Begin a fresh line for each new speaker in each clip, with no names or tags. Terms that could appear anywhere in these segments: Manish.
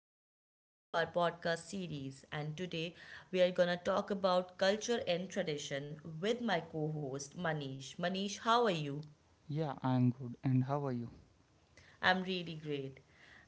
and welcome to our podcast series. And today we are gonna talk about culture and tradition with my co host Manish. Manish, how are you?
Yeah, I'm good. And how are you?
I'm really great.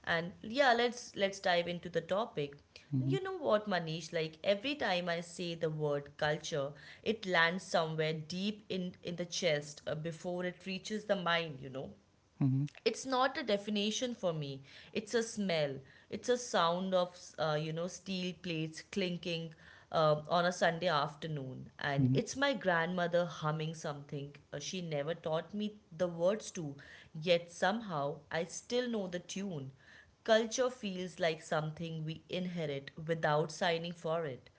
And yeah, let's dive into the topic.
Mm-hmm.
You know what, Manish? Like every time I say the word culture, it lands somewhere deep in the chest before it reaches the mind. You know,
Mm-hmm.
it's not a definition for me, it's a smell, it's a sound of you know, steel plates clinking on a Sunday afternoon, and
Mm-hmm.
it's my grandmother humming something she never taught me the words to, yet somehow I still know the tune. Culture feels like something we inherit without signing for it.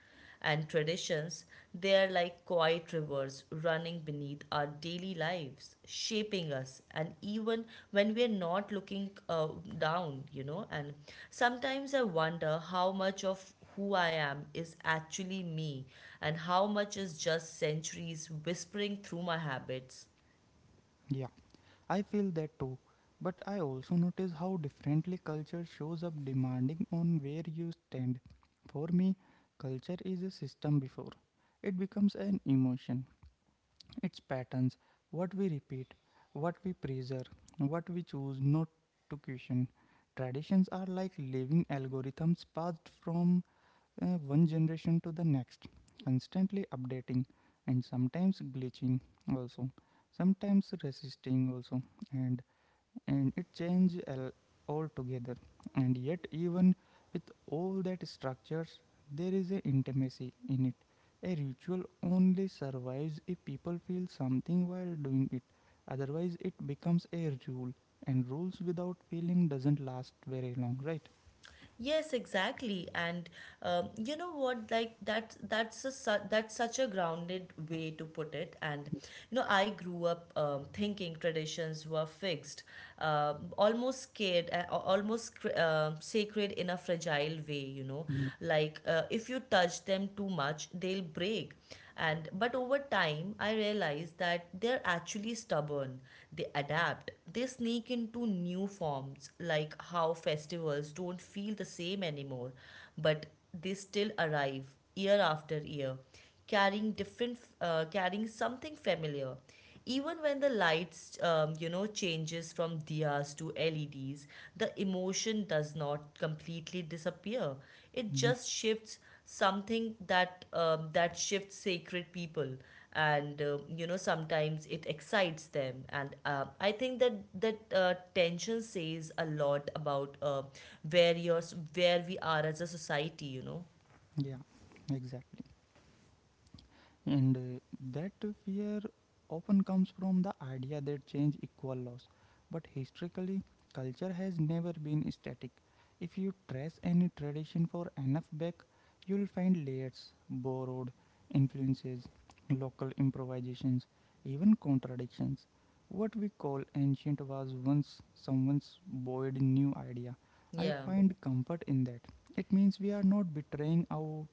And traditions, they are like quiet rivers running beneath our daily lives, shaping us, and even when we are not looking down, you know. And sometimes I wonder how much of who I am is actually me, and how much is just centuries whispering through my habits.
Yeah, I feel that too. But I also notice how differently culture shows up demanding on where you stand. For me, culture is a system before. It becomes an emotion. Its patterns, what we repeat, what we preserve, what we choose not to question. Traditions are like living algorithms passed from one generation to the next, constantly updating and sometimes glitching also, sometimes resisting also, and and it change al- altogether. And yet, even with all that structures, there is a intimacy in it. A ritual only survives if people feel something while doing it. Otherwise, it becomes a rule, and rules without feeling doesn't last very long, right?
Yes, exactly, and you know what? Like that's such a grounded way to put it. And you know, I grew up thinking traditions were fixed, almost scared, sacred in a fragile way. You know,
Mhm.
like if you touch them too much, they'll break. And but over time I realized that they're actually stubborn. They adapt, they sneak into new forms, like how festivals don't feel the same anymore, but they still arrive year after year, carrying different carrying something familiar. Even when the lights, you know, changes from diyas to LEDs, the emotion does not completely disappear. It
Mhm.
just shifts something that shifts sacred people, and you know, sometimes it excites them. And I think that tension says a lot about where you where we are as a society. You know.
Yeah, exactly. And that fear often comes from the idea that change equal loss. But historically, culture has never been static. If you trace any tradition for enough back, you'll find layers, borrowed influences, local improvisations, even contradictions. What we call ancient was once someone's bold new idea. I
Yeah.
find comfort in that. It means we are not betraying our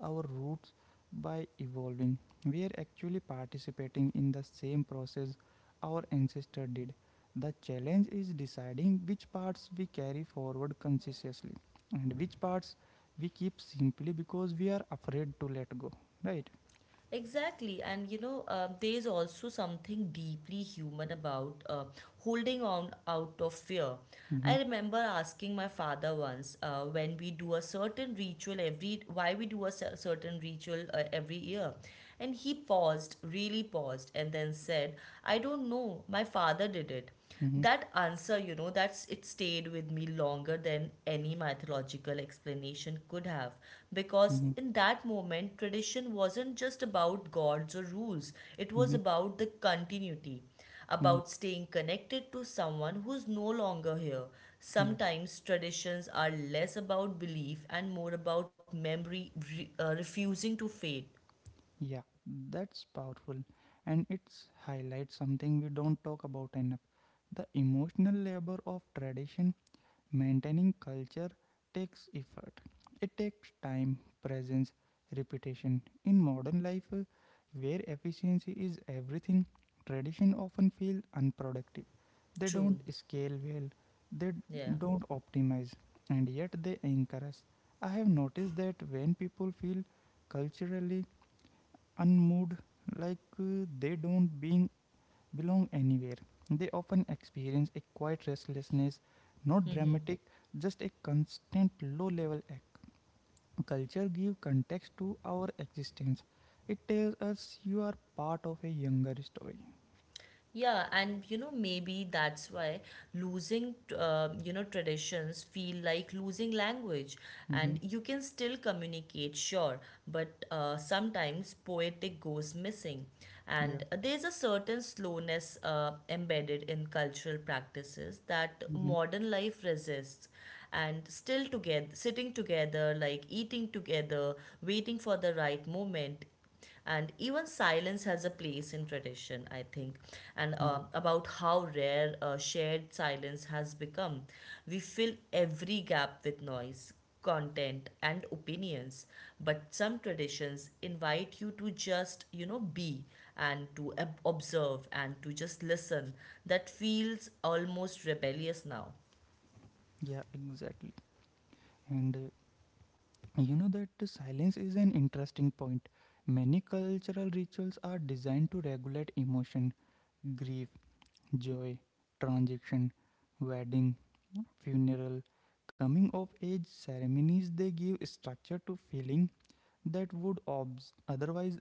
our roots by evolving. We are actually participating in the same process our ancestor did. The challenge is deciding which parts we carry forward consciously and which parts we keep simply because we are afraid to let go. Right?
Exactly, and you know, there is also something deeply human about holding on out of fear.
Mm-hmm.
I remember asking my father once when we do a certain ritual every why we do a certain ritual every year, and he paused, really paused, and then said, "I don't know. My father did it."
Mm-hmm.
That answer, you know, that's it stayed with me longer than any mythological explanation could have, because
Mm-hmm.
in that moment tradition wasn't just about gods or rules. It was
Mm-hmm.
about the continuity,
Mm-hmm.
about staying connected to someone who's no longer here.
Yeah.
Sometimes traditions are less about belief and more about memory refusing to fade.
Yeah. That's powerful. And it's highlights something we don't talk about enough, the emotional labor of tradition. Maintaining culture takes effort. It takes time, presence, repetition. In modern life, where efficiency is everything, tradition often feel unproductive. They
True.
don't scale well, they
Yeah.
don't optimize, and yet they anchor us. I have noticed that when people feel culturally unmoved, like they don't being belong anywhere. They often experience a quiet restlessness, not dramatic, just a constant low level ache. Culture gives context to our existence. It tells us you are part of a younger story.
Yeah, and you know, maybe that's why losing, you know, traditions feel like losing language. And
Mm-hmm.
you can still communicate, sure, but sometimes poetic goes missing.
Yeah.
And there's a certain slowness embedded in cultural practices that
Mm-hmm.
modern life resists. And still together, sitting together, like eating together, waiting for the right moment, and even silence has a place in tradition, I think. And
Yeah.
about how rare shared silence has become. We fill every gap with noise, content and opinions, but some traditions invite you to just, you know, be, and to observe, and to just listen. That feels almost rebellious now.
Yeah, exactly. And you know that the silence is an interesting point. Many cultural rituals are designed to regulate emotion, grief, joy, transition, wedding, funeral, coming of age ceremonies, they give structure to feeling that would otherwise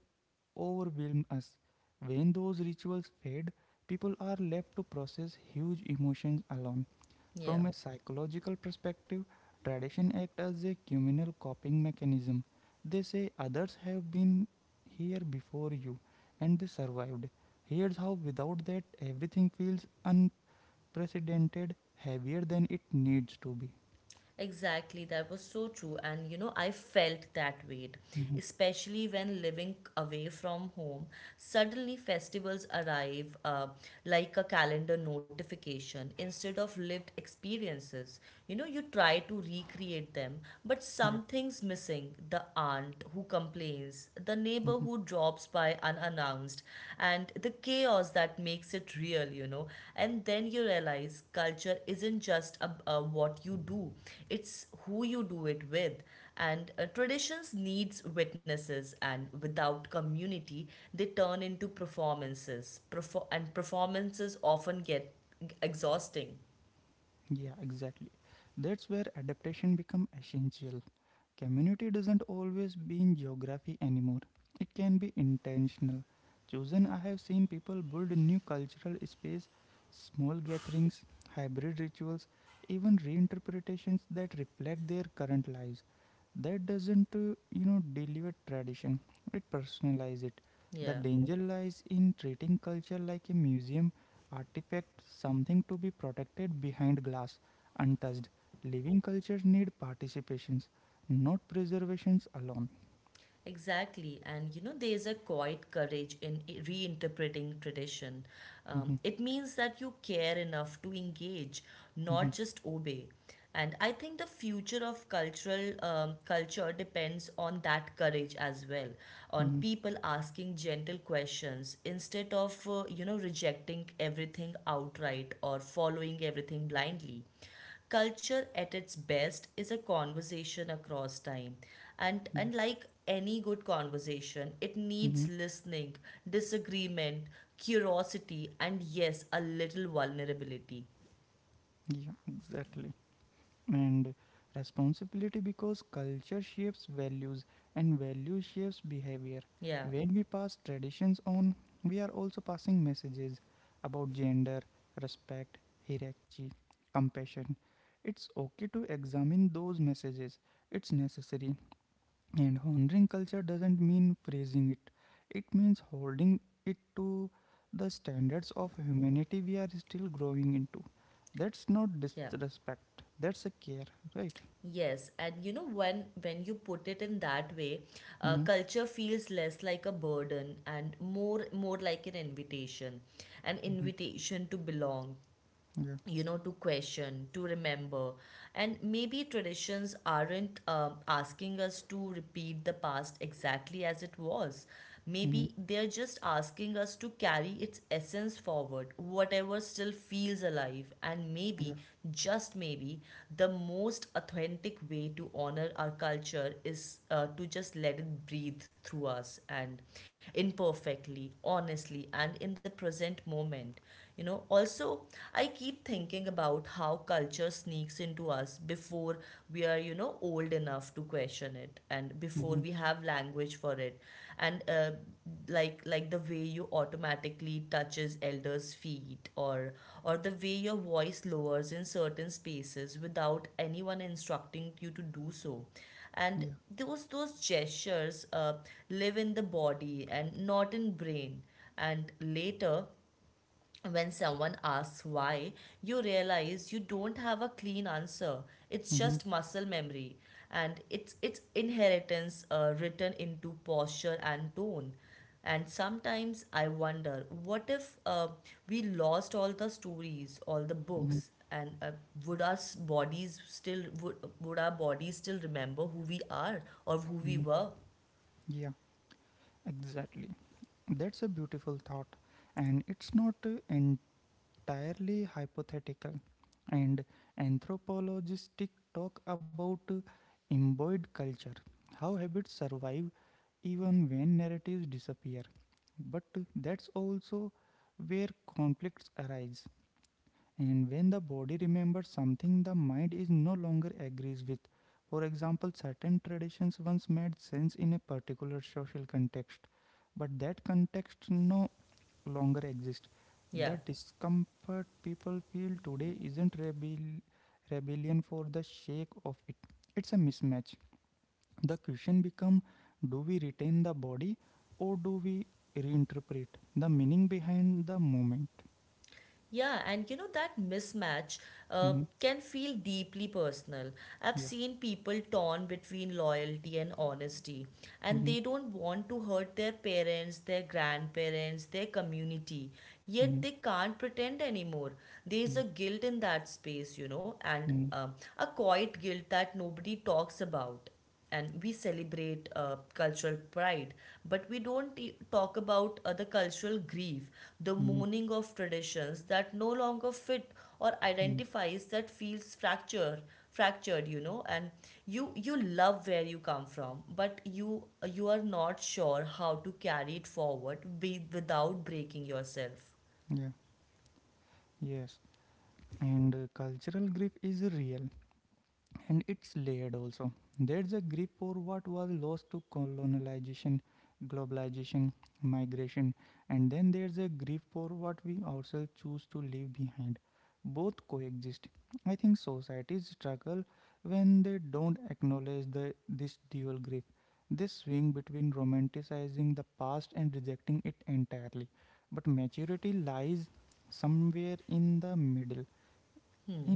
overwhelm us. When those rituals fade, people are left to process huge emotions alone.
Yeah.
From a psychological perspective, tradition act as a communal coping mechanism. They say others have been here before you and they survived. Here's how. Without that, everything feels unprecedented, heavier than it needs to be.
Exactly, that was so true. And you know, I felt that weight,
Mhm.
especially when living away from home. Suddenly, festivals arrive like a calendar notification instead of lived experiences. You know, you try to recreate them, but
Yeah.
something's missing: the aunt who complains, the neighbor
Mhm.
who drops by unannounced, and the chaos that makes it real, you know. And then you realize culture isn't just what you do, it's who you do it with. And traditions needs witnesses, and without community, they turn into performances. And performances often get exhausting.
Yeah, exactly. That's where adaptation become essential. Community doesn't always be in geography anymore. It can be intentional. Chosen, I have seen people build new cultural space, small gatherings, hybrid rituals, even reinterpretations that reflect their current lives. That doesn't dilute tradition. It personalizes it. The
Yeah.
danger lies in treating culture like a museum artifact, something to be protected behind glass, untouched. Living cultures need participations, not preservations alone.
Exactly, and you know, there's a quiet courage in reinterpreting tradition.
Mhm.
It means that you care enough to engage, not
Mhm.
just obey. And I think the future of cultural culture depends on that courage as well, on
Mhm.
people asking gentle questions instead of you know, rejecting everything outright or following everything blindly. Culture at its best is a conversation across time, and
Yeah.
and like any good conversation, it needs
Mhm.
listening, disagreement, curiosity, and yes, a little vulnerability.
Yeah, exactly. And responsibility, because culture shapes values and value shapes behavior.
Yeah.
When we pass traditions on, we are also passing messages about gender, respect, hierarchy, compassion. It's okay to examine those messages, it's necessary. And honoring culture doesn't mean praising it, it means holding it to the standards of humanity we are still growing into. That's not
Yeah.
disrespect, that's a care, right?
Yes, and you know, when you put it in that way,
Mm-hmm.
culture feels less like a burden and more like an invitation. An
Mm-hmm.
invitation to belong,
Yeah.
you know, to question, to remember. And maybe traditions aren't asking us to repeat the past exactly as it was.
Mm-hmm.
Maybe they're just asking us to carry its essence forward, whatever still feels alive. And
Yeah.
maybe, just maybe, the most authentic way to honor our culture is to just let it breathe through us, and imperfectly, honestly, and in the present moment. You know, also, I keep thinking about how culture sneaks into us before we are, you know, old enough to question it, and before
Mm-hmm.
we have language for it. And like the way you automatically touches elders' feet, or the way your voice lowers in certain spaces without anyone instructing you to do so. And
Yeah.
those gestures live in the body and not in brain. And later, when someone asks why, you realize you don't have a clean answer. It's
Mm-hmm.
just muscle memory, and it's inheritance written into posture and tone. And sometimes I wonder, what if we lost all the stories, all the
Mm-hmm.
books, and would our bodies still remember who we are or who we
Mm-hmm.
were?
Yeah, exactly. That's a beautiful thought. And it's not uh, entirely hypothetical, and anthropologists talk about embodied culture, how habits survive even when narratives disappear. But that's also where conflicts arise. And when the body remembers something the mind is no longer agrees with, for example, certain traditions once made sense in a particular social context, but that context no longer exists.
Yeah.
The discomfort people feel today isn't rebellion for the sake of it, it's a mismatch. The question becomes, do we retain the body or do we reinterpret the meaning behind the moment?
Yeah, and you know that mismatch
Mhm.
can feel deeply personal. I've
Yeah.
seen people torn between loyalty and honesty, and
Mhm.
they don't want to hurt their parents, their grandparents, their community, yet
Mhm.
they can't pretend anymore. There's
Yeah.
a guilt in that space, you know, and
Mm-hmm.
a quiet guilt that nobody talks about. And we celebrate cultural pride, but we don't talk about the cultural grief, the
Mm-hmm.
mourning of traditions that no longer fit, or
Mm-hmm.
identifies that feels fractured, you know. And you love where you come from, but you are not sure how to carry it forward without breaking yourself.
Yeah. Yes. And cultural grief is real, and it's layered also. There's a grip for what was lost to colonization, globalization, migration, and then there's a grip for what we ourselves choose to leave behind. Both coexist. I think societies struggle when they don't acknowledge this dual grip. They swing between romanticizing the past and rejecting it entirely. But maturity lies somewhere in the middle,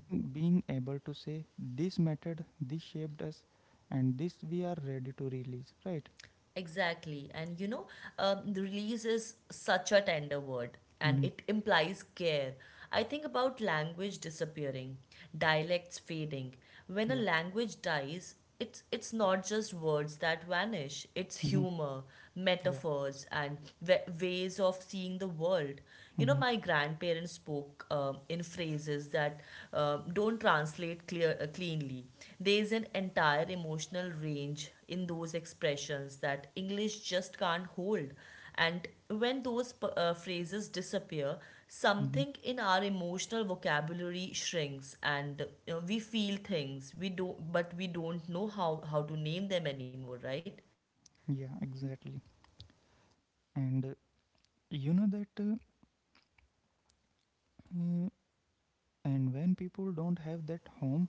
in being able to say this method, this shaped us, and this we are ready to release, right?
Exactly. And you know, the release is such a tender word, and
Mm-hmm.
it implies care. I think about language disappearing, dialects fading. When a
Yeah.
language dies, it's not just words that vanish, it's
Mm-hmm.
humor,
Yeah.
metaphors, and wa ways of seeing the world. You know,
Mm-hmm.
my grandparents spoke in phrases that don't translate cleanly. There is an entire emotional range in those expressions that English just can't hold. And when those phrases disappear,
Mm-hmm.
something in our emotional vocabulary shrinks, and we feel things we don't, but we don't know how to name them anymore, right?
Yeah, exactly. And uh, you know that uh, uh, and when people don't have that home,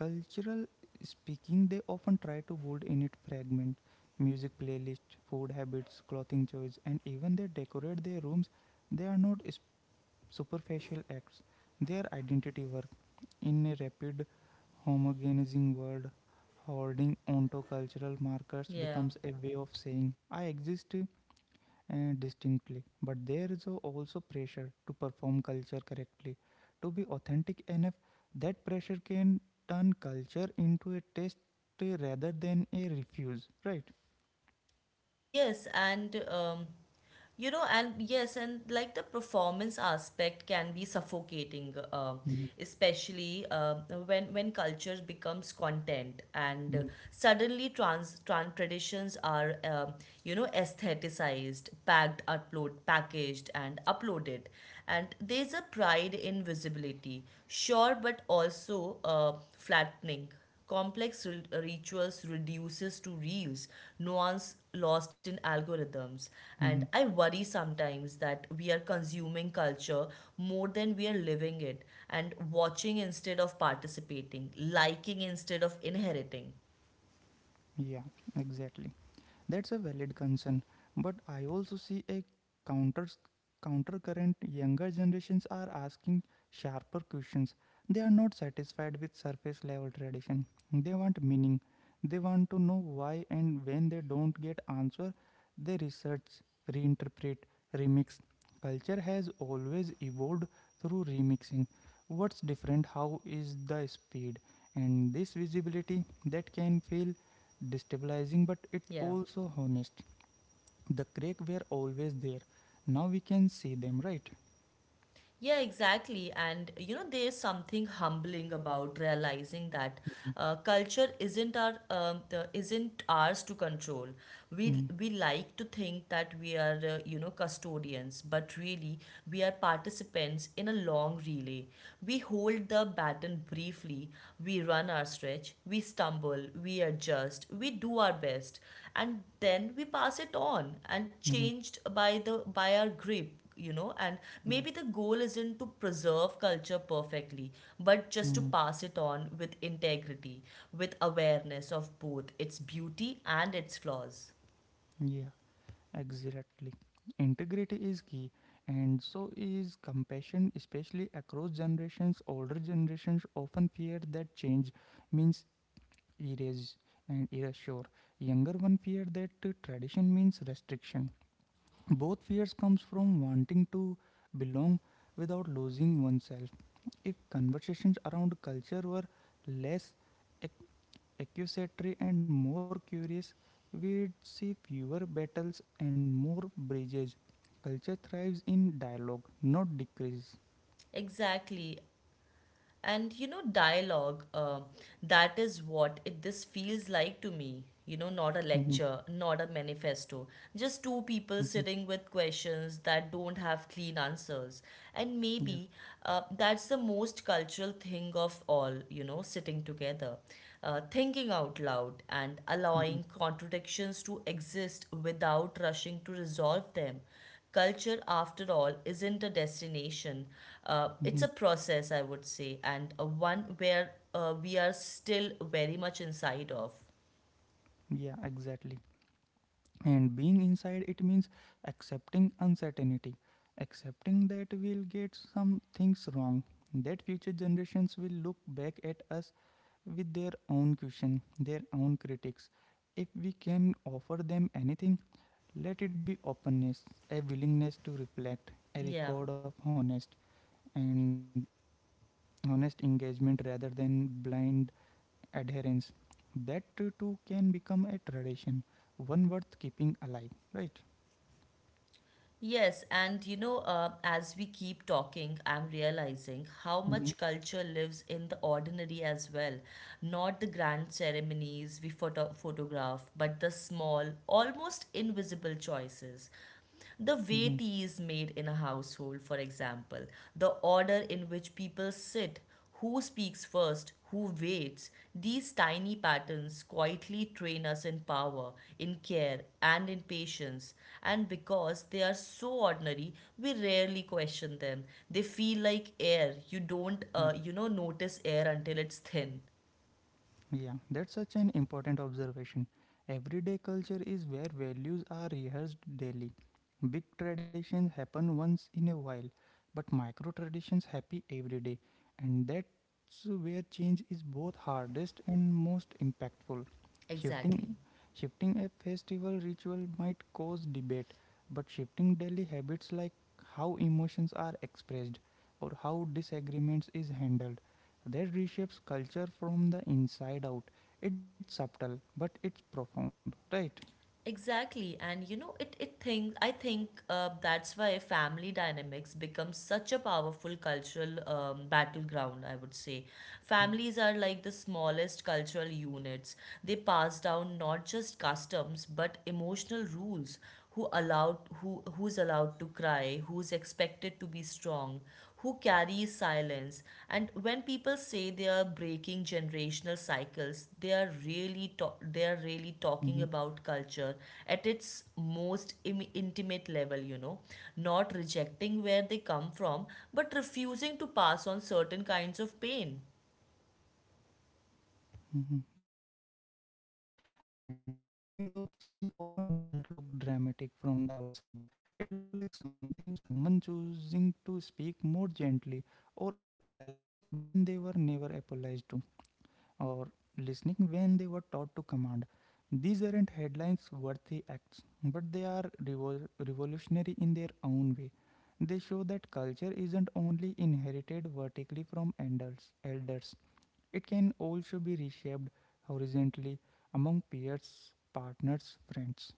cultural speaking, they often try to build in it fragment: music playlist, food habits, clothing choice, and even they decorate their rooms. They are not superficial acts, their identity. In a rapid homogenizing world, holding onto cultural markers
Yeah.
becomes a way of saying I exist distinctly. But there is also pressure to perform culture correctly. To be authentic enough, that pressure can turn culture into a test rather than a refuse, right?
Yes, and you know, and yes, and like the performance aspect can be suffocating, uh,
Mhm.
especially uh, when culture becomes content, and
Mhm.
suddenly trans, trans traditions are you know, aestheticized, packaged, and uploaded, and there's a pride in visibility, sure, but also flattening. Complex rituals reduces to reels, nuance lost in algorithms. And
Mhm.
I worry sometimes that we are consuming culture more than we are living it, and watching instead of participating, liking instead of inheriting.
Yeah, exactly. That's a valid concern, but I also see a counter countercurrent. Younger generations are asking sharper questions. They are not satisfied with surface level tradition. They want meaning. They want to know why, and when they don't get answer, they research, reinterpret, remix. Culture has always evolved through remixing. What's different? How is the speed? And this visibility that can feel destabilizing, but it
Yeah.
also honest. The crack were always there, now we can see them, right?
Yeah, exactly. And you know, there is something humbling about realizing that culture isn't isn't ours to control. We
Mm-hmm.
we like to think that we are you know, custodians, but really we are participants in a long relay. We hold the baton briefly. We run our stretch. We stumble. We adjust. We do our best, and then we pass it on, and changed by the by our grip, you know. And
Yeah.
maybe the goal isn't to preserve culture perfectly, but just to
Mm.
pass it on with integrity, with awareness of both its beauty and its flaws.
Yeah, exactly. Integrity is key, and so is compassion, especially across generations. Older generations often fear that change means erase and erasure. Younger one fear that tradition means restriction. Both fears comes from wanting to belong without losing oneself. If conversations around culture were less ac- accusatory and more curious, we'd see fewer battles and more bridges. Culture thrives in dialogue, not decreases.
Exactly. And you know, dialogue, that is what it this feels like to me, you know, not a
Mhm.
lecture, not a manifesto, just two people
Mhm.
sitting with questions that don't have clean answers. And
Yeah.
maybe that's the most cultural thing of all, you know, sitting together, thinking out loud, and
Mhm.
allowing contradictions to exist without rushing to resolve them. Culture, after all, isn't a destination.
Mhm.
It's a process, I would say, and a one where we are still very much inside of.
Yeah, exactly. And being inside it means accepting uncertainty, accepting that we'll get some things wrong, that future generations will look back at us with their own question, their own critics. If we can offer them anything, let it be openness, a willingness to reflect, a
Yeah.
record of and honest engagement rather than blind adherence. That too can become a tradition, one worth keeping alive, right?
Yes, and you know, as we keep talking, I'm
Mm-hmm.
realizing how much culture lives in the ordinary as well. Not the grand ceremonies we photograph, but the small, almost invisible choices.
Mm-hmm.
The way tea is made in a household, for example, the order in which people sit, who speaks first, who waits, these tiny patterns quietly train us in power, in care, and in patience. And because they are so ordinary, we rarely question them. They feel
Yeah.
like air. You don't, notice air until it's thin.
Yeah, that's such an important observation. Everyday culture is where values are rehearsed daily. Big traditions happen once in a while, but micro traditions happen every day, and that's where change is both hardest and most impactful.
Exactly.
Shifting shifting a festival ritual might cause debate, but shifting daily habits, like how emotions are expressed or how disagreements is handled, that reshapes culture from the inside out. It's subtle, but it's profound, right?
Exactly, and you know, it think I think that's why family dynamics become such a powerful cultural
Hmm.
battleground, I would say. Families are like the smallest cultural units. They pass down not just customs but emotional rules, who's allowed to cry, who's expected to be strong, who carries silence. And when people say they are breaking generational cycles,
Hmm.
they are really talking about culture at its most intimate level, you know, not rejecting where they
Yeah.
come from, but refusing to pass on certain kinds of pain.
Hmm. Yeah, exactly. And that kind of change often doesn't look dramatic from the outside. It looked like something, someone choosing to speak more gently, or apologizing when they were never apologized to, or listening when they were taught to command. These aren't headlines worthy acts, but they are revolutionary in their own way. They show that culture isn't only inherited vertically from elders. It can also be reshaped horizontally among peers, partners, friends.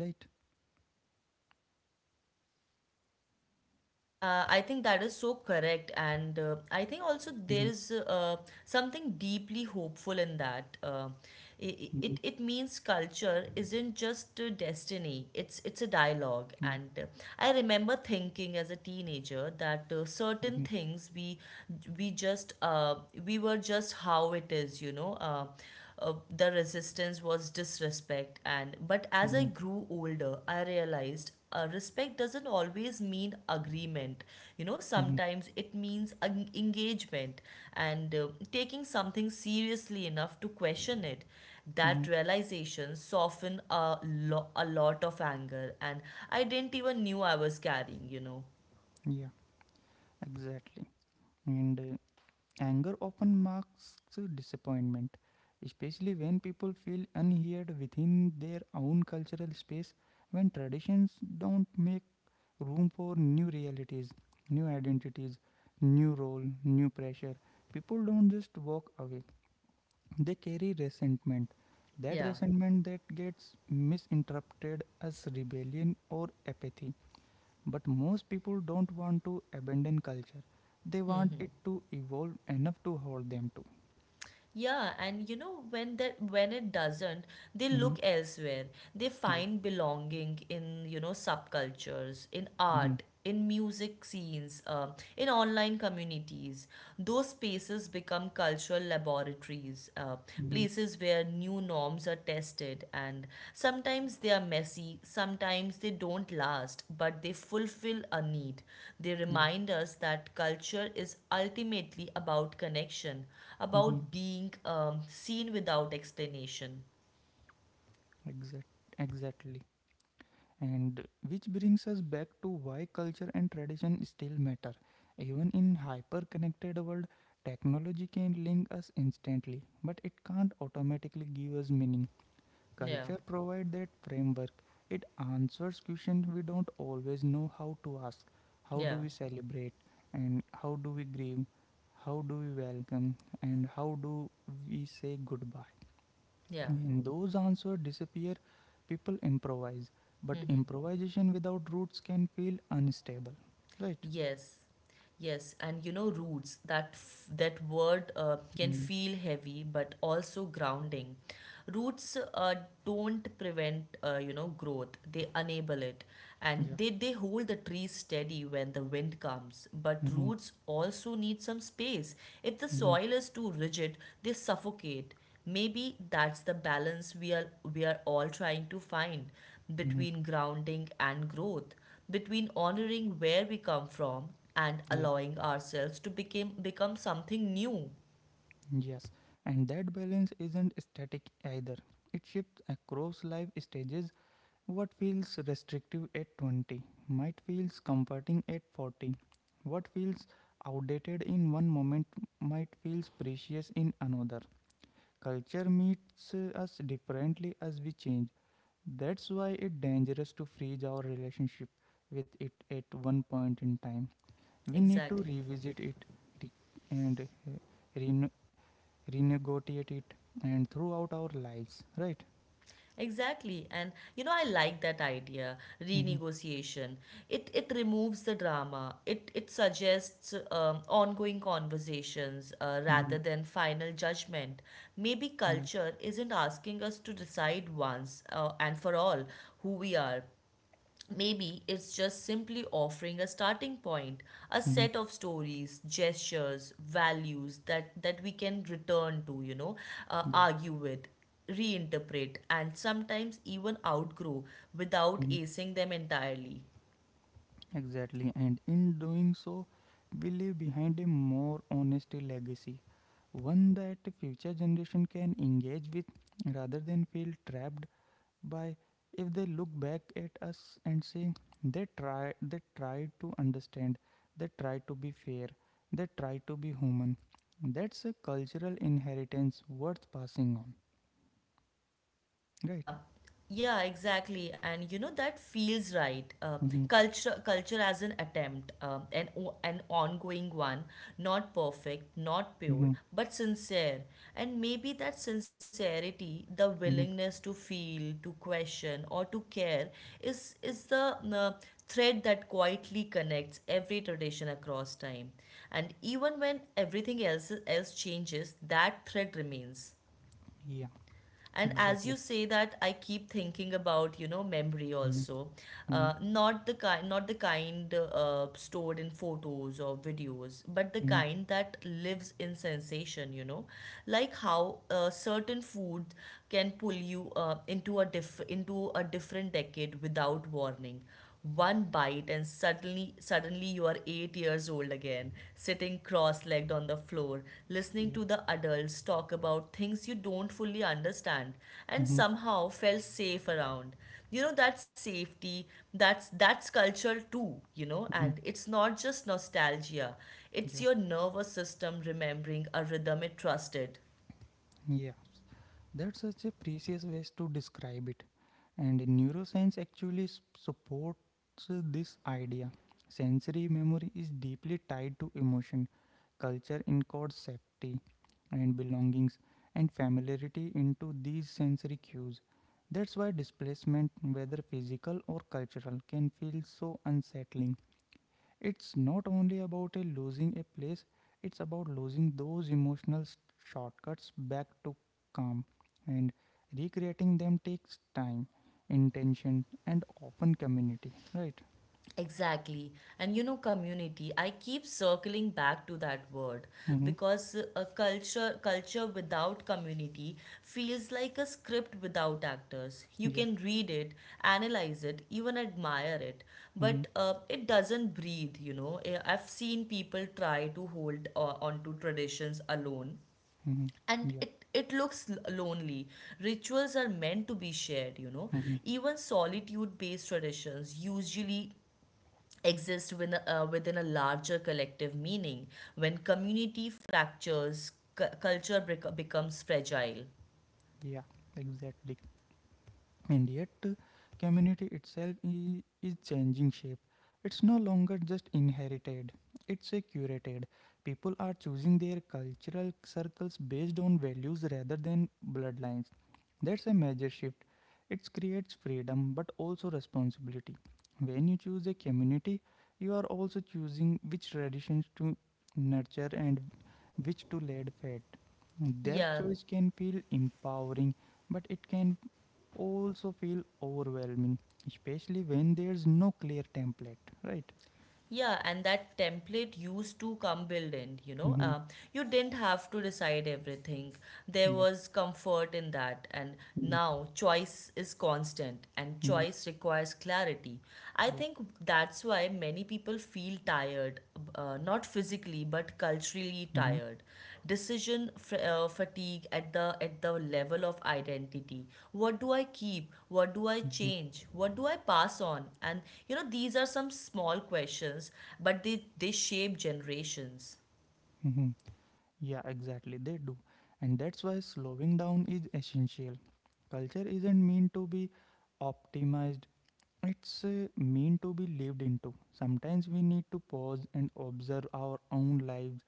Right?
I think that is so correct, and I think also there
Mm-hmm.
is something deeply hopeful in that. It
Mm-hmm.
means culture isn't just a destiny; it's a dialogue. And
Yeah.
I remember thinking as a teenager that certain
Mm-hmm.
things we just uh, we were just how it is, you know. The resistance was disrespect, and but as I
Mm-hmm.
grew older I realized, respect doesn't always mean agreement. You know, sometimes it means engagement and taking something seriously enough to question it.
Mm-hmm.
That realization softened a lot of anger and I didn't even knew I was carrying, you know.
Yeah. Exactly. And anger often marks disappointment, especially when people feel unheard within their own cultural space, when traditions don't make room for new realities, new identities, new role, new pressure. People don't just walk away, they carry resentment. That
Yeah.
resentment that gets misinterpreted as rebellion or apathy. But most people don't want to abandon culture. They
Hmm,
want
hmm.
it to evolve enough to hold them to.
Yeah, and you know when that when it doesn't, they
Mm-hmm.
look elsewhere. They
Yeah.
find belonging in, you know, subcultures, in
Mm-hmm.
art, in music scenes, in online communities. Those spaces become cultural laboratories,
Mm-hmm.
places where new norms are tested, and sometimes they are messy, sometimes they don't last, but they fulfill a need. They
Yeah.
remind us that culture is ultimately about connection,
Mm-hmm.
about being seen without explanation.
Exact. Exactly. And which brings us back to why culture and tradition still matter. Even in hyper-connected world, technology can link us instantly, but it can't automatically give us meaning.
Yeah,
Culture provide that framework. It answers questions we don't always know how to ask. How do
yeah,
we celebrate? And how do we grieve? How do we welcome, and how do we say goodbye?
yeah.
When those answers disappear, people improvise. But improvisation without roots can feel unstable, right?
Yes, yes, and you know, roots. That word can
Mm.
feel heavy, but also grounding. Roots don't prevent, growth; they enable it, and
Yeah.
they hold the tree steady when the wind comes. But
Mm-hmm.
roots also need some space. If the
Mm-hmm.
soil is too rigid, they suffocate. Maybe that's the balance we are all trying to find
Mm-hmm.
between grounding and growth, between honoring where we come from and
Yeah.
allowing ourselves to become something new.
Yes. And that balance isn't static either. It shifts across life stages. What feels restrictive at 20 might feels comforting at 40. What feels outdated in one moment might feels precious in another. Culture meets us differently as we change. That's why it's dangerous to freeze our relationship with it at one point in time. We need to
Exactly.
revisit it, re- and uh, rene- renegotiate it, and throughout our lives, right?
Exactly. And you know, I like that idea,
Mm-hmm.
renegotiation. It removes the drama. It suggests ongoing conversations
Mm-hmm.
rather than final judgment. Maybe
Yeah.
culture isn't asking us to decide once and for all who we are. Maybe it's just simply offering a starting point, a
Mm-hmm.
set of stories, gestures, values that we can return to,
Yeah.
argue with, reinterpret, and sometimes even outgrow without
Mhm.
acing them entirely.
Exactly. And in doing so, we leave behind a more honesty legacy, one that future generation can engage with rather than feel trapped by if they look back at us and say they try to understand, they try to be fair, they try to be human. That's a cultural inheritance worth passing on, right?
Yeah, yeah, exactly. And you know that feels right.
Mm-hmm.
Culture as an attempt, an ongoing one, not perfect, not pure,
Mm-hmm.
but sincere. And maybe that sincerity, the
Mm-hmm.
willingness to feel, to question, or to care, is the uh, thread that quietly connects every tradition across time. And even when everything else changes, that thread remains.
Yeah,
And as you
exactly.
say that, I keep thinking about, you know, memory
Mm-hmm.
also,
Mm-hmm.
not the kind stored in photos or videos, but the
Mm-hmm.
kind that lives in sensation, you know, like how certain food can pull you into a different decade without warning. One bite and suddenly you are 8 years old again, sitting cross-legged on the floor, listening
Yeah.
to the adults talk about things you don't fully understand and
Mm-hmm.
somehow felt safe around. You know that safety, that's culture too, you know,
Mm-hmm.
and it's not just nostalgia. It's
Yeah.
your nervous system remembering a rhythm it trusted.
Yeah. That's such a precious way to describe it. And neuroscience actually supports this idea. Sensory memory is deeply tied to emotion. Culture encodes safety and belongings and familiarity into these sensory cues. That's why displacement, whether physical or cultural, can feel so unsettling. It's not only about a losing a place, it's about losing those emotional shortcuts back to calm. And recreating them takes time, intention, and often community, right?
Exactly. And you know, community, I keep circling back to that word
Mm-hmm.
because a culture culture without community feels like a script without actors. You
Yeah.
can read it, analyze it, even admire it,
Mm-hmm.
but it doesn't breathe, you know. I've seen people try to hold onto traditions alone,
Mm-hmm. Mm-hmm.
and
Yeah.
lonely. Rituals are meant to be shared, you know.
Mm-hmm.
Even solitude based traditions usually exist within a, within a larger collective meaning. When community fractures, becomes fragile.
Yeah, exactly. And yet, community itself is changing shape. It's no longer just inherited, it's a curated. People are choosing their cultural circles based on values rather than bloodlines. That's a major shift. It creates freedom but also responsibility. When you choose a community, you are also choosing which traditions to nurture and which to let fade. That
Yeah,
choice can feel empowering, but it can also feel overwhelming, especially when there's no clear template, right?
yeah, and that template used to come built in, you know.
Mm-hmm.
You didn't have to decide everything. There
Yeah.
was comfort in that, and now choice is constant, and
Mm-hmm.
choice requires clarity. I
Yeah.
think that's why many people feel tired, not physically
Mm-hmm.
but culturally tired. Fatigue at the level of identity. What do I keep, what do I
Mm-hmm.
change, what do I pass on? And you know, these are some small questions, but they shape generations.
Mm-hmm. Yeah, exactly. They do. And that's why slowing down is essential. Culture isn't meant to be optimized, it's meant to be lived into. Sometimes we need to pause and observe our own lives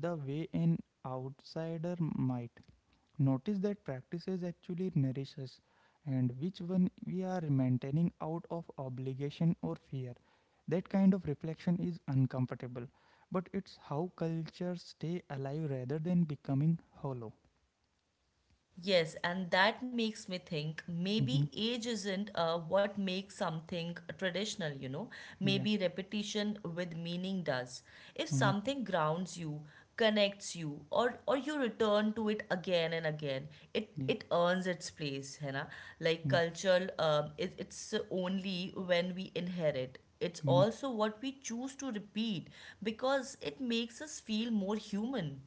the way an outsider might. Notice that practices actually nourish us and which one we are maintaining out of obligation or fear. That kind of reflection is uncomfortable, but it's how cultures stay alive rather than becoming hollow.
Yes, and that makes me think maybe
Hmm.
age isn't what makes something traditional, you know.
Yeah.
Maybe repetition with meaning does. If
Hmm.
something grounds you, connects you, or you return to it again and again,
Yeah.
it earns its place, है ना? Like culture, it's only when we inherit. It's
Hmm.
also what we choose to repeat because it makes us feel more human.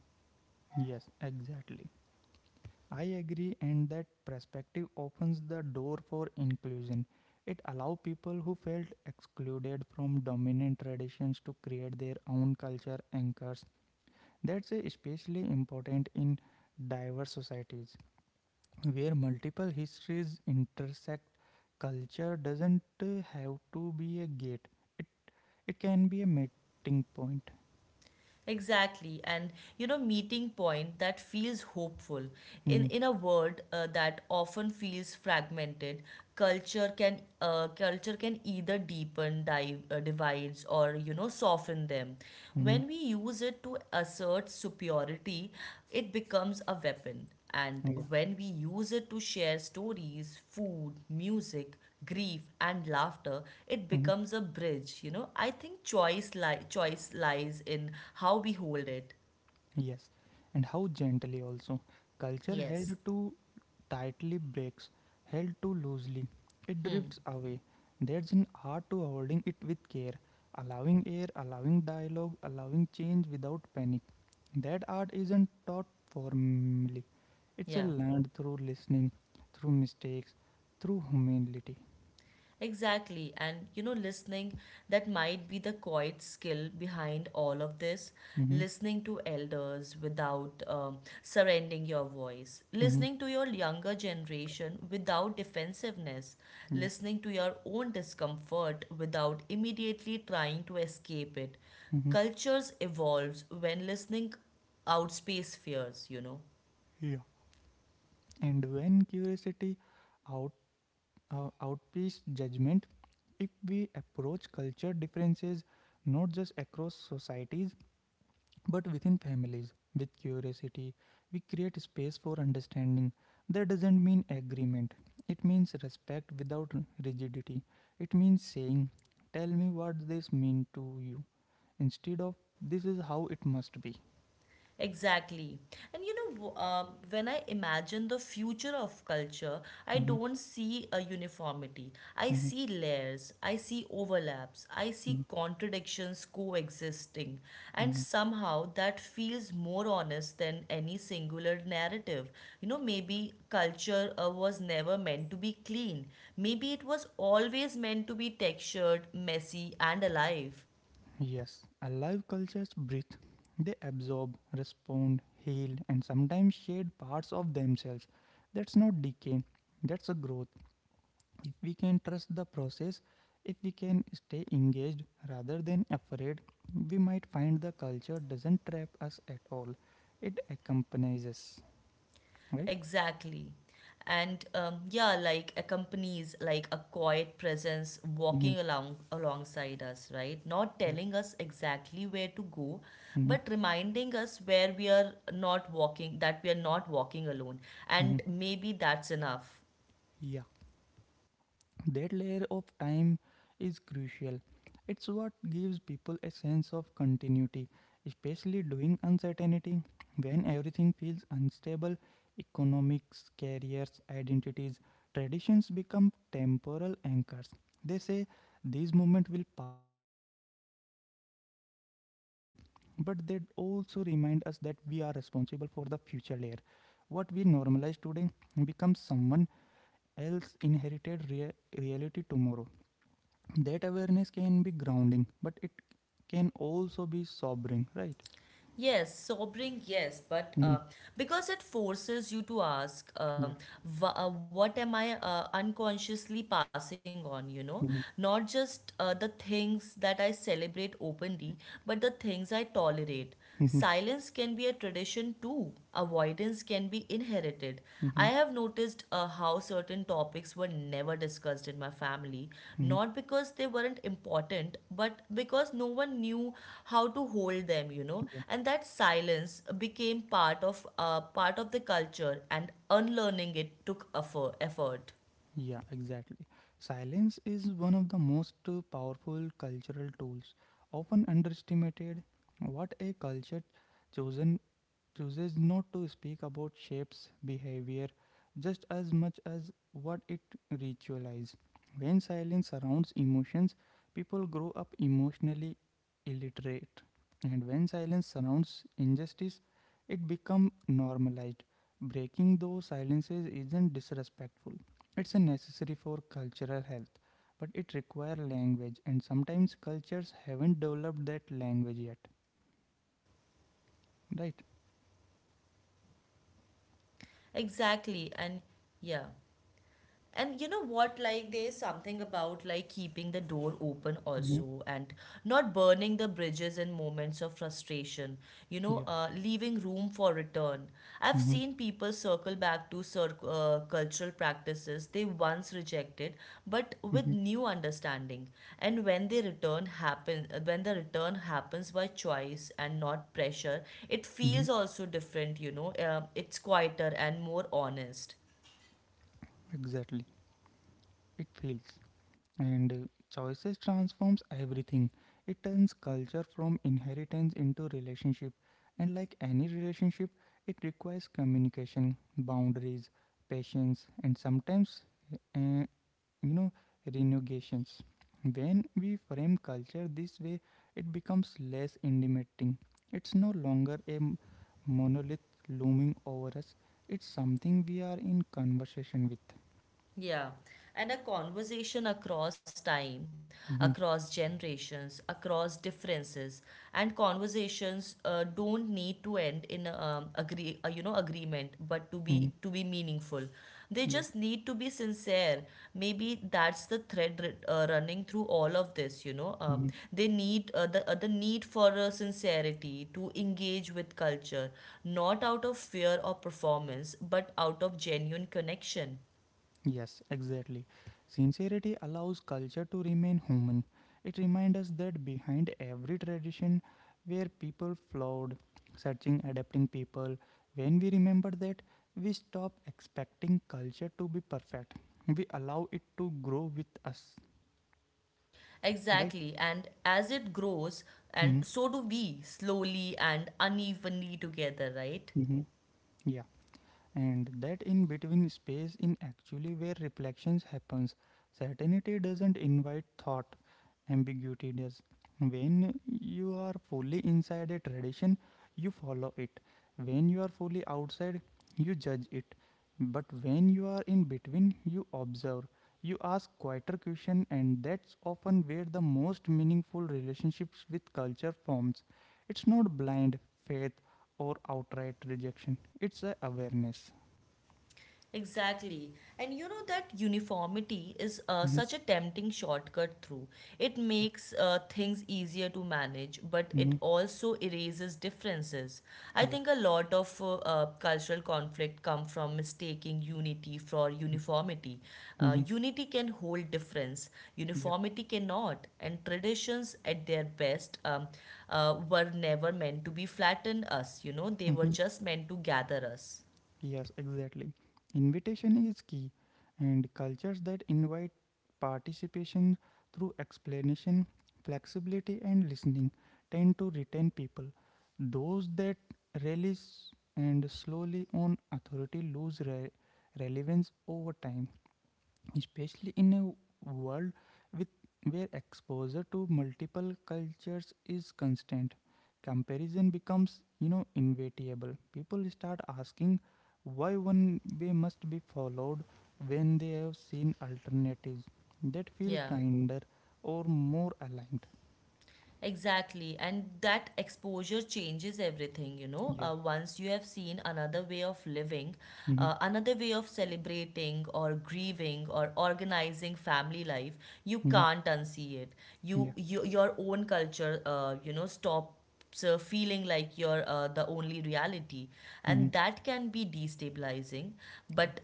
Yes, exactly. I agree, and that perspective opens the door for inclusion. It allows people who felt excluded from dominant traditions to create their own culture anchors. That's especially important in diverse societies where multiple histories intersect. Culture doesn't have to be a gate, it, it can be a meeting point.
Exactly, and you know, meeting point that feels hopeful
Mhm.
in a world that often feels fragmented. Culture can, culture can either divides, or you know, soften them.
Mhm.
When we use it to assert superiority, it becomes a weapon. And
Yeah.
when we use it to share stories, food, music, grief and laughter, it
Mhm.
becomes a bridge. You know, I think choice lies in how we hold it.
Yes. And how gently also. Culture
Yes.
held to tightly breaks, held too loosely, it drifts away. There's an art to holding it with care, allowing air, allowing dialogue, allowing change without panic. That art isn't taught formally, it's a
Yeah.
learned through listening, through mistakes, through humility.
Exactly. And you know, listening, that might be the quiet skill behind all of this.
Mm-hmm.
Listening to elders without surrendering your voice.
Mm-hmm.
Listening to your younger generation without defensiveness.
Yeah.
Listening to your own discomfort without immediately trying to escape it.
Mm-hmm.
Cultures evolves when listening outspace fears, you know.
Yeah. And when curiosity out outpace judgment, if we approach culture differences not just across societies but within families with curiosity, we create space for understanding. That doesn't mean agreement, it means respect without rigidity. It means saying, tell me what this means to you, instead of, this is how it must be.
Exactly. And when I imagine the future of culture, I
Mm-hmm.
don't see a uniformity. I
Mm-hmm.
see layers, I see overlaps, I see
Mm-hmm.
contradictions coexisting. And
Mm-hmm.
somehow that feels more honest than any singular narrative. You know, maybe culture was never meant to be clean, maybe it was always meant to be textured, messy, and alive.
Yes, alive cultures breathe. They absorb, respond, heal, and sometimes shed parts of themselves. That's not decay, that's a growth. If we can trust the process, if we can stay engaged rather than afraid, we might find the culture doesn't trap us at all. It accompanies us, right?
Exactly. And yeah, like accompanies, like a quiet presence
Mm-hmm.
walking along alongside us, right? Not
Yeah.
telling us exactly where to go,
Mm-hmm.
but reminding us where we are not walking, that we are not walking alone.
Mm-hmm.
And maybe that's enough.
Yeah, that layer of time is crucial. It's what gives people a sense of continuity, especially during uncertainty when everything feels unstable. Economics, careers, identities, traditions become temporal anchors. They say these moments will pass just like other did, but they also remind us that we are responsible for the future layer. What we normalize today becomes someone else inherited reality tomorrow. That awareness can be grounding, but it can also be sobering, right?
Yes, sobering, yes, but
Mhm.
because it forces you to ask,
Yeah.
what am I unconsciously passing on, you know?
Mhm.
Not just the things that I celebrate openly, but the things I tolerate.
Mhm.
Silence can be a tradition too, avoidance can be inherited. I
Mhm.
have noticed how certain topics were never discussed in my family,
Mhm.
not because they weren't important, but because no one knew how to hold them, you know.
Yeah.
And that silence became part of, part of the culture, and unlearning it took effort. Effort.
Yeah, exactly. Silence is one of the most powerful cultural tools, often underestimated. What a culture chosen chooses not to speak about shapes behavior just as much as what it ritualizes. When silence surrounds emotions, people grow up emotionally illiterate. And when silence surrounds injustice, it becomes normalized. Breaking those silences isn't disrespectful. It's a necessary for cultural health, but it requires language, and sometimes cultures haven't developed that language yet. Right?
Exactly, and yeah. And you know what? Like, there's something about like keeping the door open
Hmm.
also, and not burning the bridges in moments of frustration, you know,
Yeah.
leaving room for return. I've
Hmm.
seen people circle back to cultural practices they once rejected, but
Mhm.
with new understanding. And when the return happens by choice and not pressure, it
Mhm.
feels also different, you know, it's quieter and more honest.
Exactly. It feels. And choices transforms everything. It turns culture from inheritance into relationship. And like any relationship, it requires communication, boundaries, patience, and sometimes, uh, you know, renegotiations. When we frame culture this way, it becomes less intimidating. It's no longer a monolith looming over us. It's something we are in conversation with.
Yeah, and a conversation across time,
Mhm.
across generations, across differences, and conversations don't need to end in, agreement, but to
Mhm.
be to be meaningful, they
Yeah.
just need to be sincere. Maybe that's the thread running through all of this. You know,
Mhm.
the need for sincerity to engage with culture, not out of fear or performance, but out of genuine connection.
Yes, exactly. Sincerity allows culture to remain human. It reminds us that behind every tradition where people flawed, searching, adapting people, when we remember that, we stop expecting culture to be perfect. We allow it to grow with us, right?
Exactly. And as it grows, and
Mm-hmm.
so do we, slowly and unevenly together, right?
Mm-hmm. And that in between space in actually where reflections happens. Certainty doesn't invite thought, ambiguity does. When you are fully inside a tradition, you follow it. When you are fully outside, you judge it. But when you are in between, you observe, you ask quieter question, and that's often where the most meaningful relationships with culture forms. It's not blind faith or outright rejection, it's a awareness.
Exactly. And you know that uniformity is
Mhm.
such a tempting shortcut through. It
Yeah.
makes things easier to manage, but it
Mhm.
also erases differences. I
Yeah.
think a lot of cultural conflict come from mistaking unity for uniformity.
Mhm.
Unity can hold difference,
Yeah.
uniformity cannot. And traditions at their best, were never meant to be flatten us, you know, they were
Mhm.
just meant to gather us.
Yes, exactly. Invitation is key, and cultures that invite participation through explanation, flexibility, and listening tend to retain people. Those that release and slowly on authority lose relevance over time, especially in a world with where exposure to multiple cultures is constant. Comparison becomes, you know, inevitable. People start asking why one way must be followed when they have seen alternatives that feel
Yeah.
kinder or more aligned.
Exactly, and that exposure changes everything, you know.
Yeah.
Once you have seen another way of living,
Mm-hmm.
another way of celebrating or grieving or organizing family life, you
Mm-hmm.
can't unsee it.
Yeah.
You your own culture, stops feeling like you're the only reality,
Mm-hmm.
and that can be destabilizing,
Yeah.
but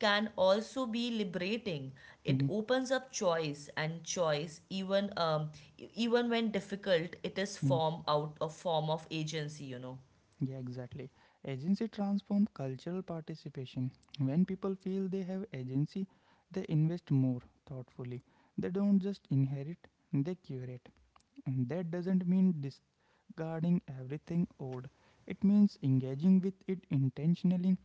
can also be liberating. It
Mm-hmm.
opens up choice, and choice, even even when difficult, it is
Mm-hmm.
form out a form of agency. You know.
Yeah, exactly. Agency transforms cultural participation. When people feel they have agency, they invest more thoughtfully. They don't just inherit, they curate. And that doesn't mean discarding everything old. It means engaging with it intentionally.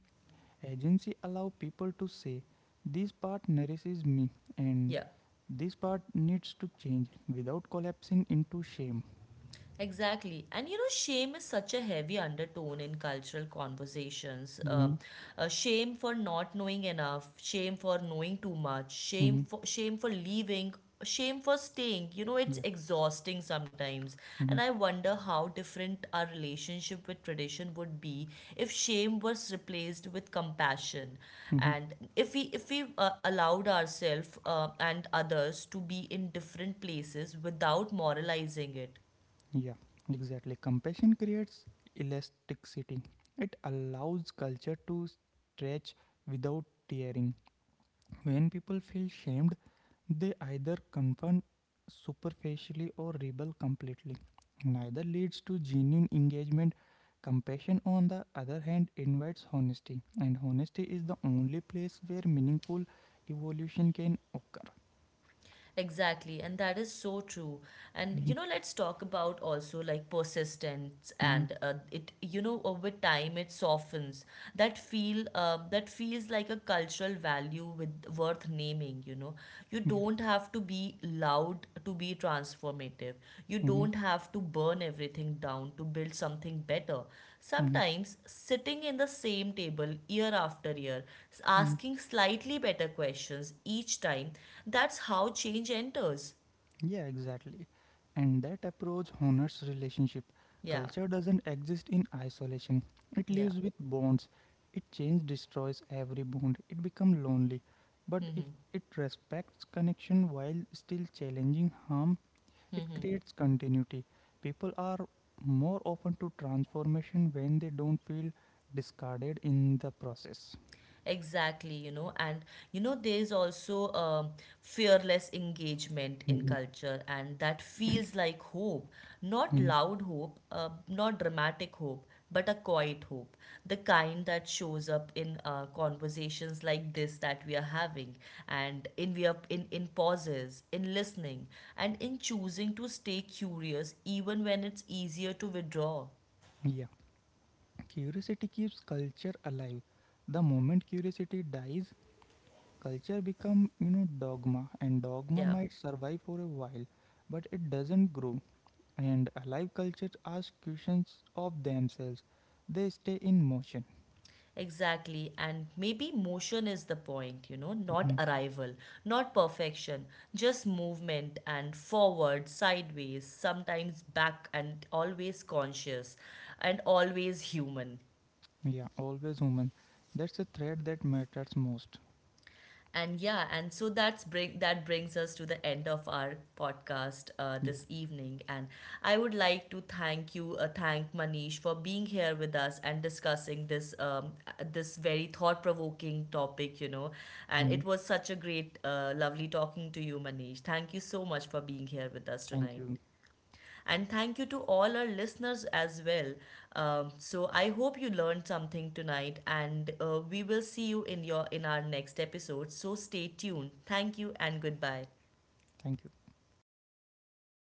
Agency allow people to say, this part nourishes me and
Yeah.
this part needs to change without collapsing into shame.
Exactly. And you know, shame is such a heavy undertone in cultural conversations.
Mm-hmm.
Shame for not knowing enough, shame for knowing too much,
Mm-hmm.
shame for leaving, shame for staying. You know, it's
Yeah.
exhausting sometimes. And
Mm-hmm.
I wonder how different our relationship with tradition would be if shame was replaced with compassion, and if we allowed ourselves and others to be in different places without moralizing it.
Yeah, exactly. Compassion creates elasticity. It allows culture to stretch without tearing. When people feel shamed, they either confront superficially or rebel completely. Neither leads to genuine engagement. Compassion, on the other hand, invites honesty, and honesty is the only place where meaningful evolution can occur.
Exactly, and that is so true. And you
Mhm.
know, let's talk about also like persistence
Mhm.
and it. You know, over time it softens. That feels like a cultural value with worth naming. You know, you
Yeah.
don't have to be loud to be transformative. You
Mhm.
don't have to burn everything down to build something better.
Mhm.
Sometimes sitting in the same table year after year,
Mhm.
asking slightly better questions each time, that's how change enters.
Yeah, exactly. And that approach honors relationship.
Yeah,
Culture doesn't exist in isolation. It
yeah.
lives with bonds. It change destroys every bond. It become lonely. But if it respects connection while still challenging harm, it creates continuity. People are more open to transformation when they don't feel discarded in the process.
Exactly, you know, and you know, there is also fearless engagement in
Mhm.
culture, and that feels like hope. Not
Mhm.
loud hope, not dramatic hope, but a quiet hope, the kind that shows up in conversations like this that we are having, and in pauses, in listening, and in choosing to stay curious even when it's easier to withdraw.
Yeah. Curiosity keeps culture alive. The moment curiosity dies, culture become, you know, dogma, and dogma
Yeah.
might survive for a while but it doesn't grow. And alive cultures ask questions of themselves, they stay in motion.
Exactly, and maybe motion is the point, you know, not
Mhm.
arrival, not perfection, just movement and forward, sideways, sometimes back, and always conscious and always human.
Yeah, always human. That's a thread that matters most.
And yeah, and so that brings us to the end of our podcast
Yeah.
this evening. And I would like to thank you, thank Manish for being here with us and discussing this, this very thought-provoking topic, you know. And
Mhm.
it was such a great, lovely talking to you, Manish. Thank you so much for being here with us
Thank
tonight.
you.
And thank you to all our listeners as well. So I hope you learned something tonight, and we will see you in your in our next episode. So stay tuned. Thank you and goodbye.
Thank you.
Yeah.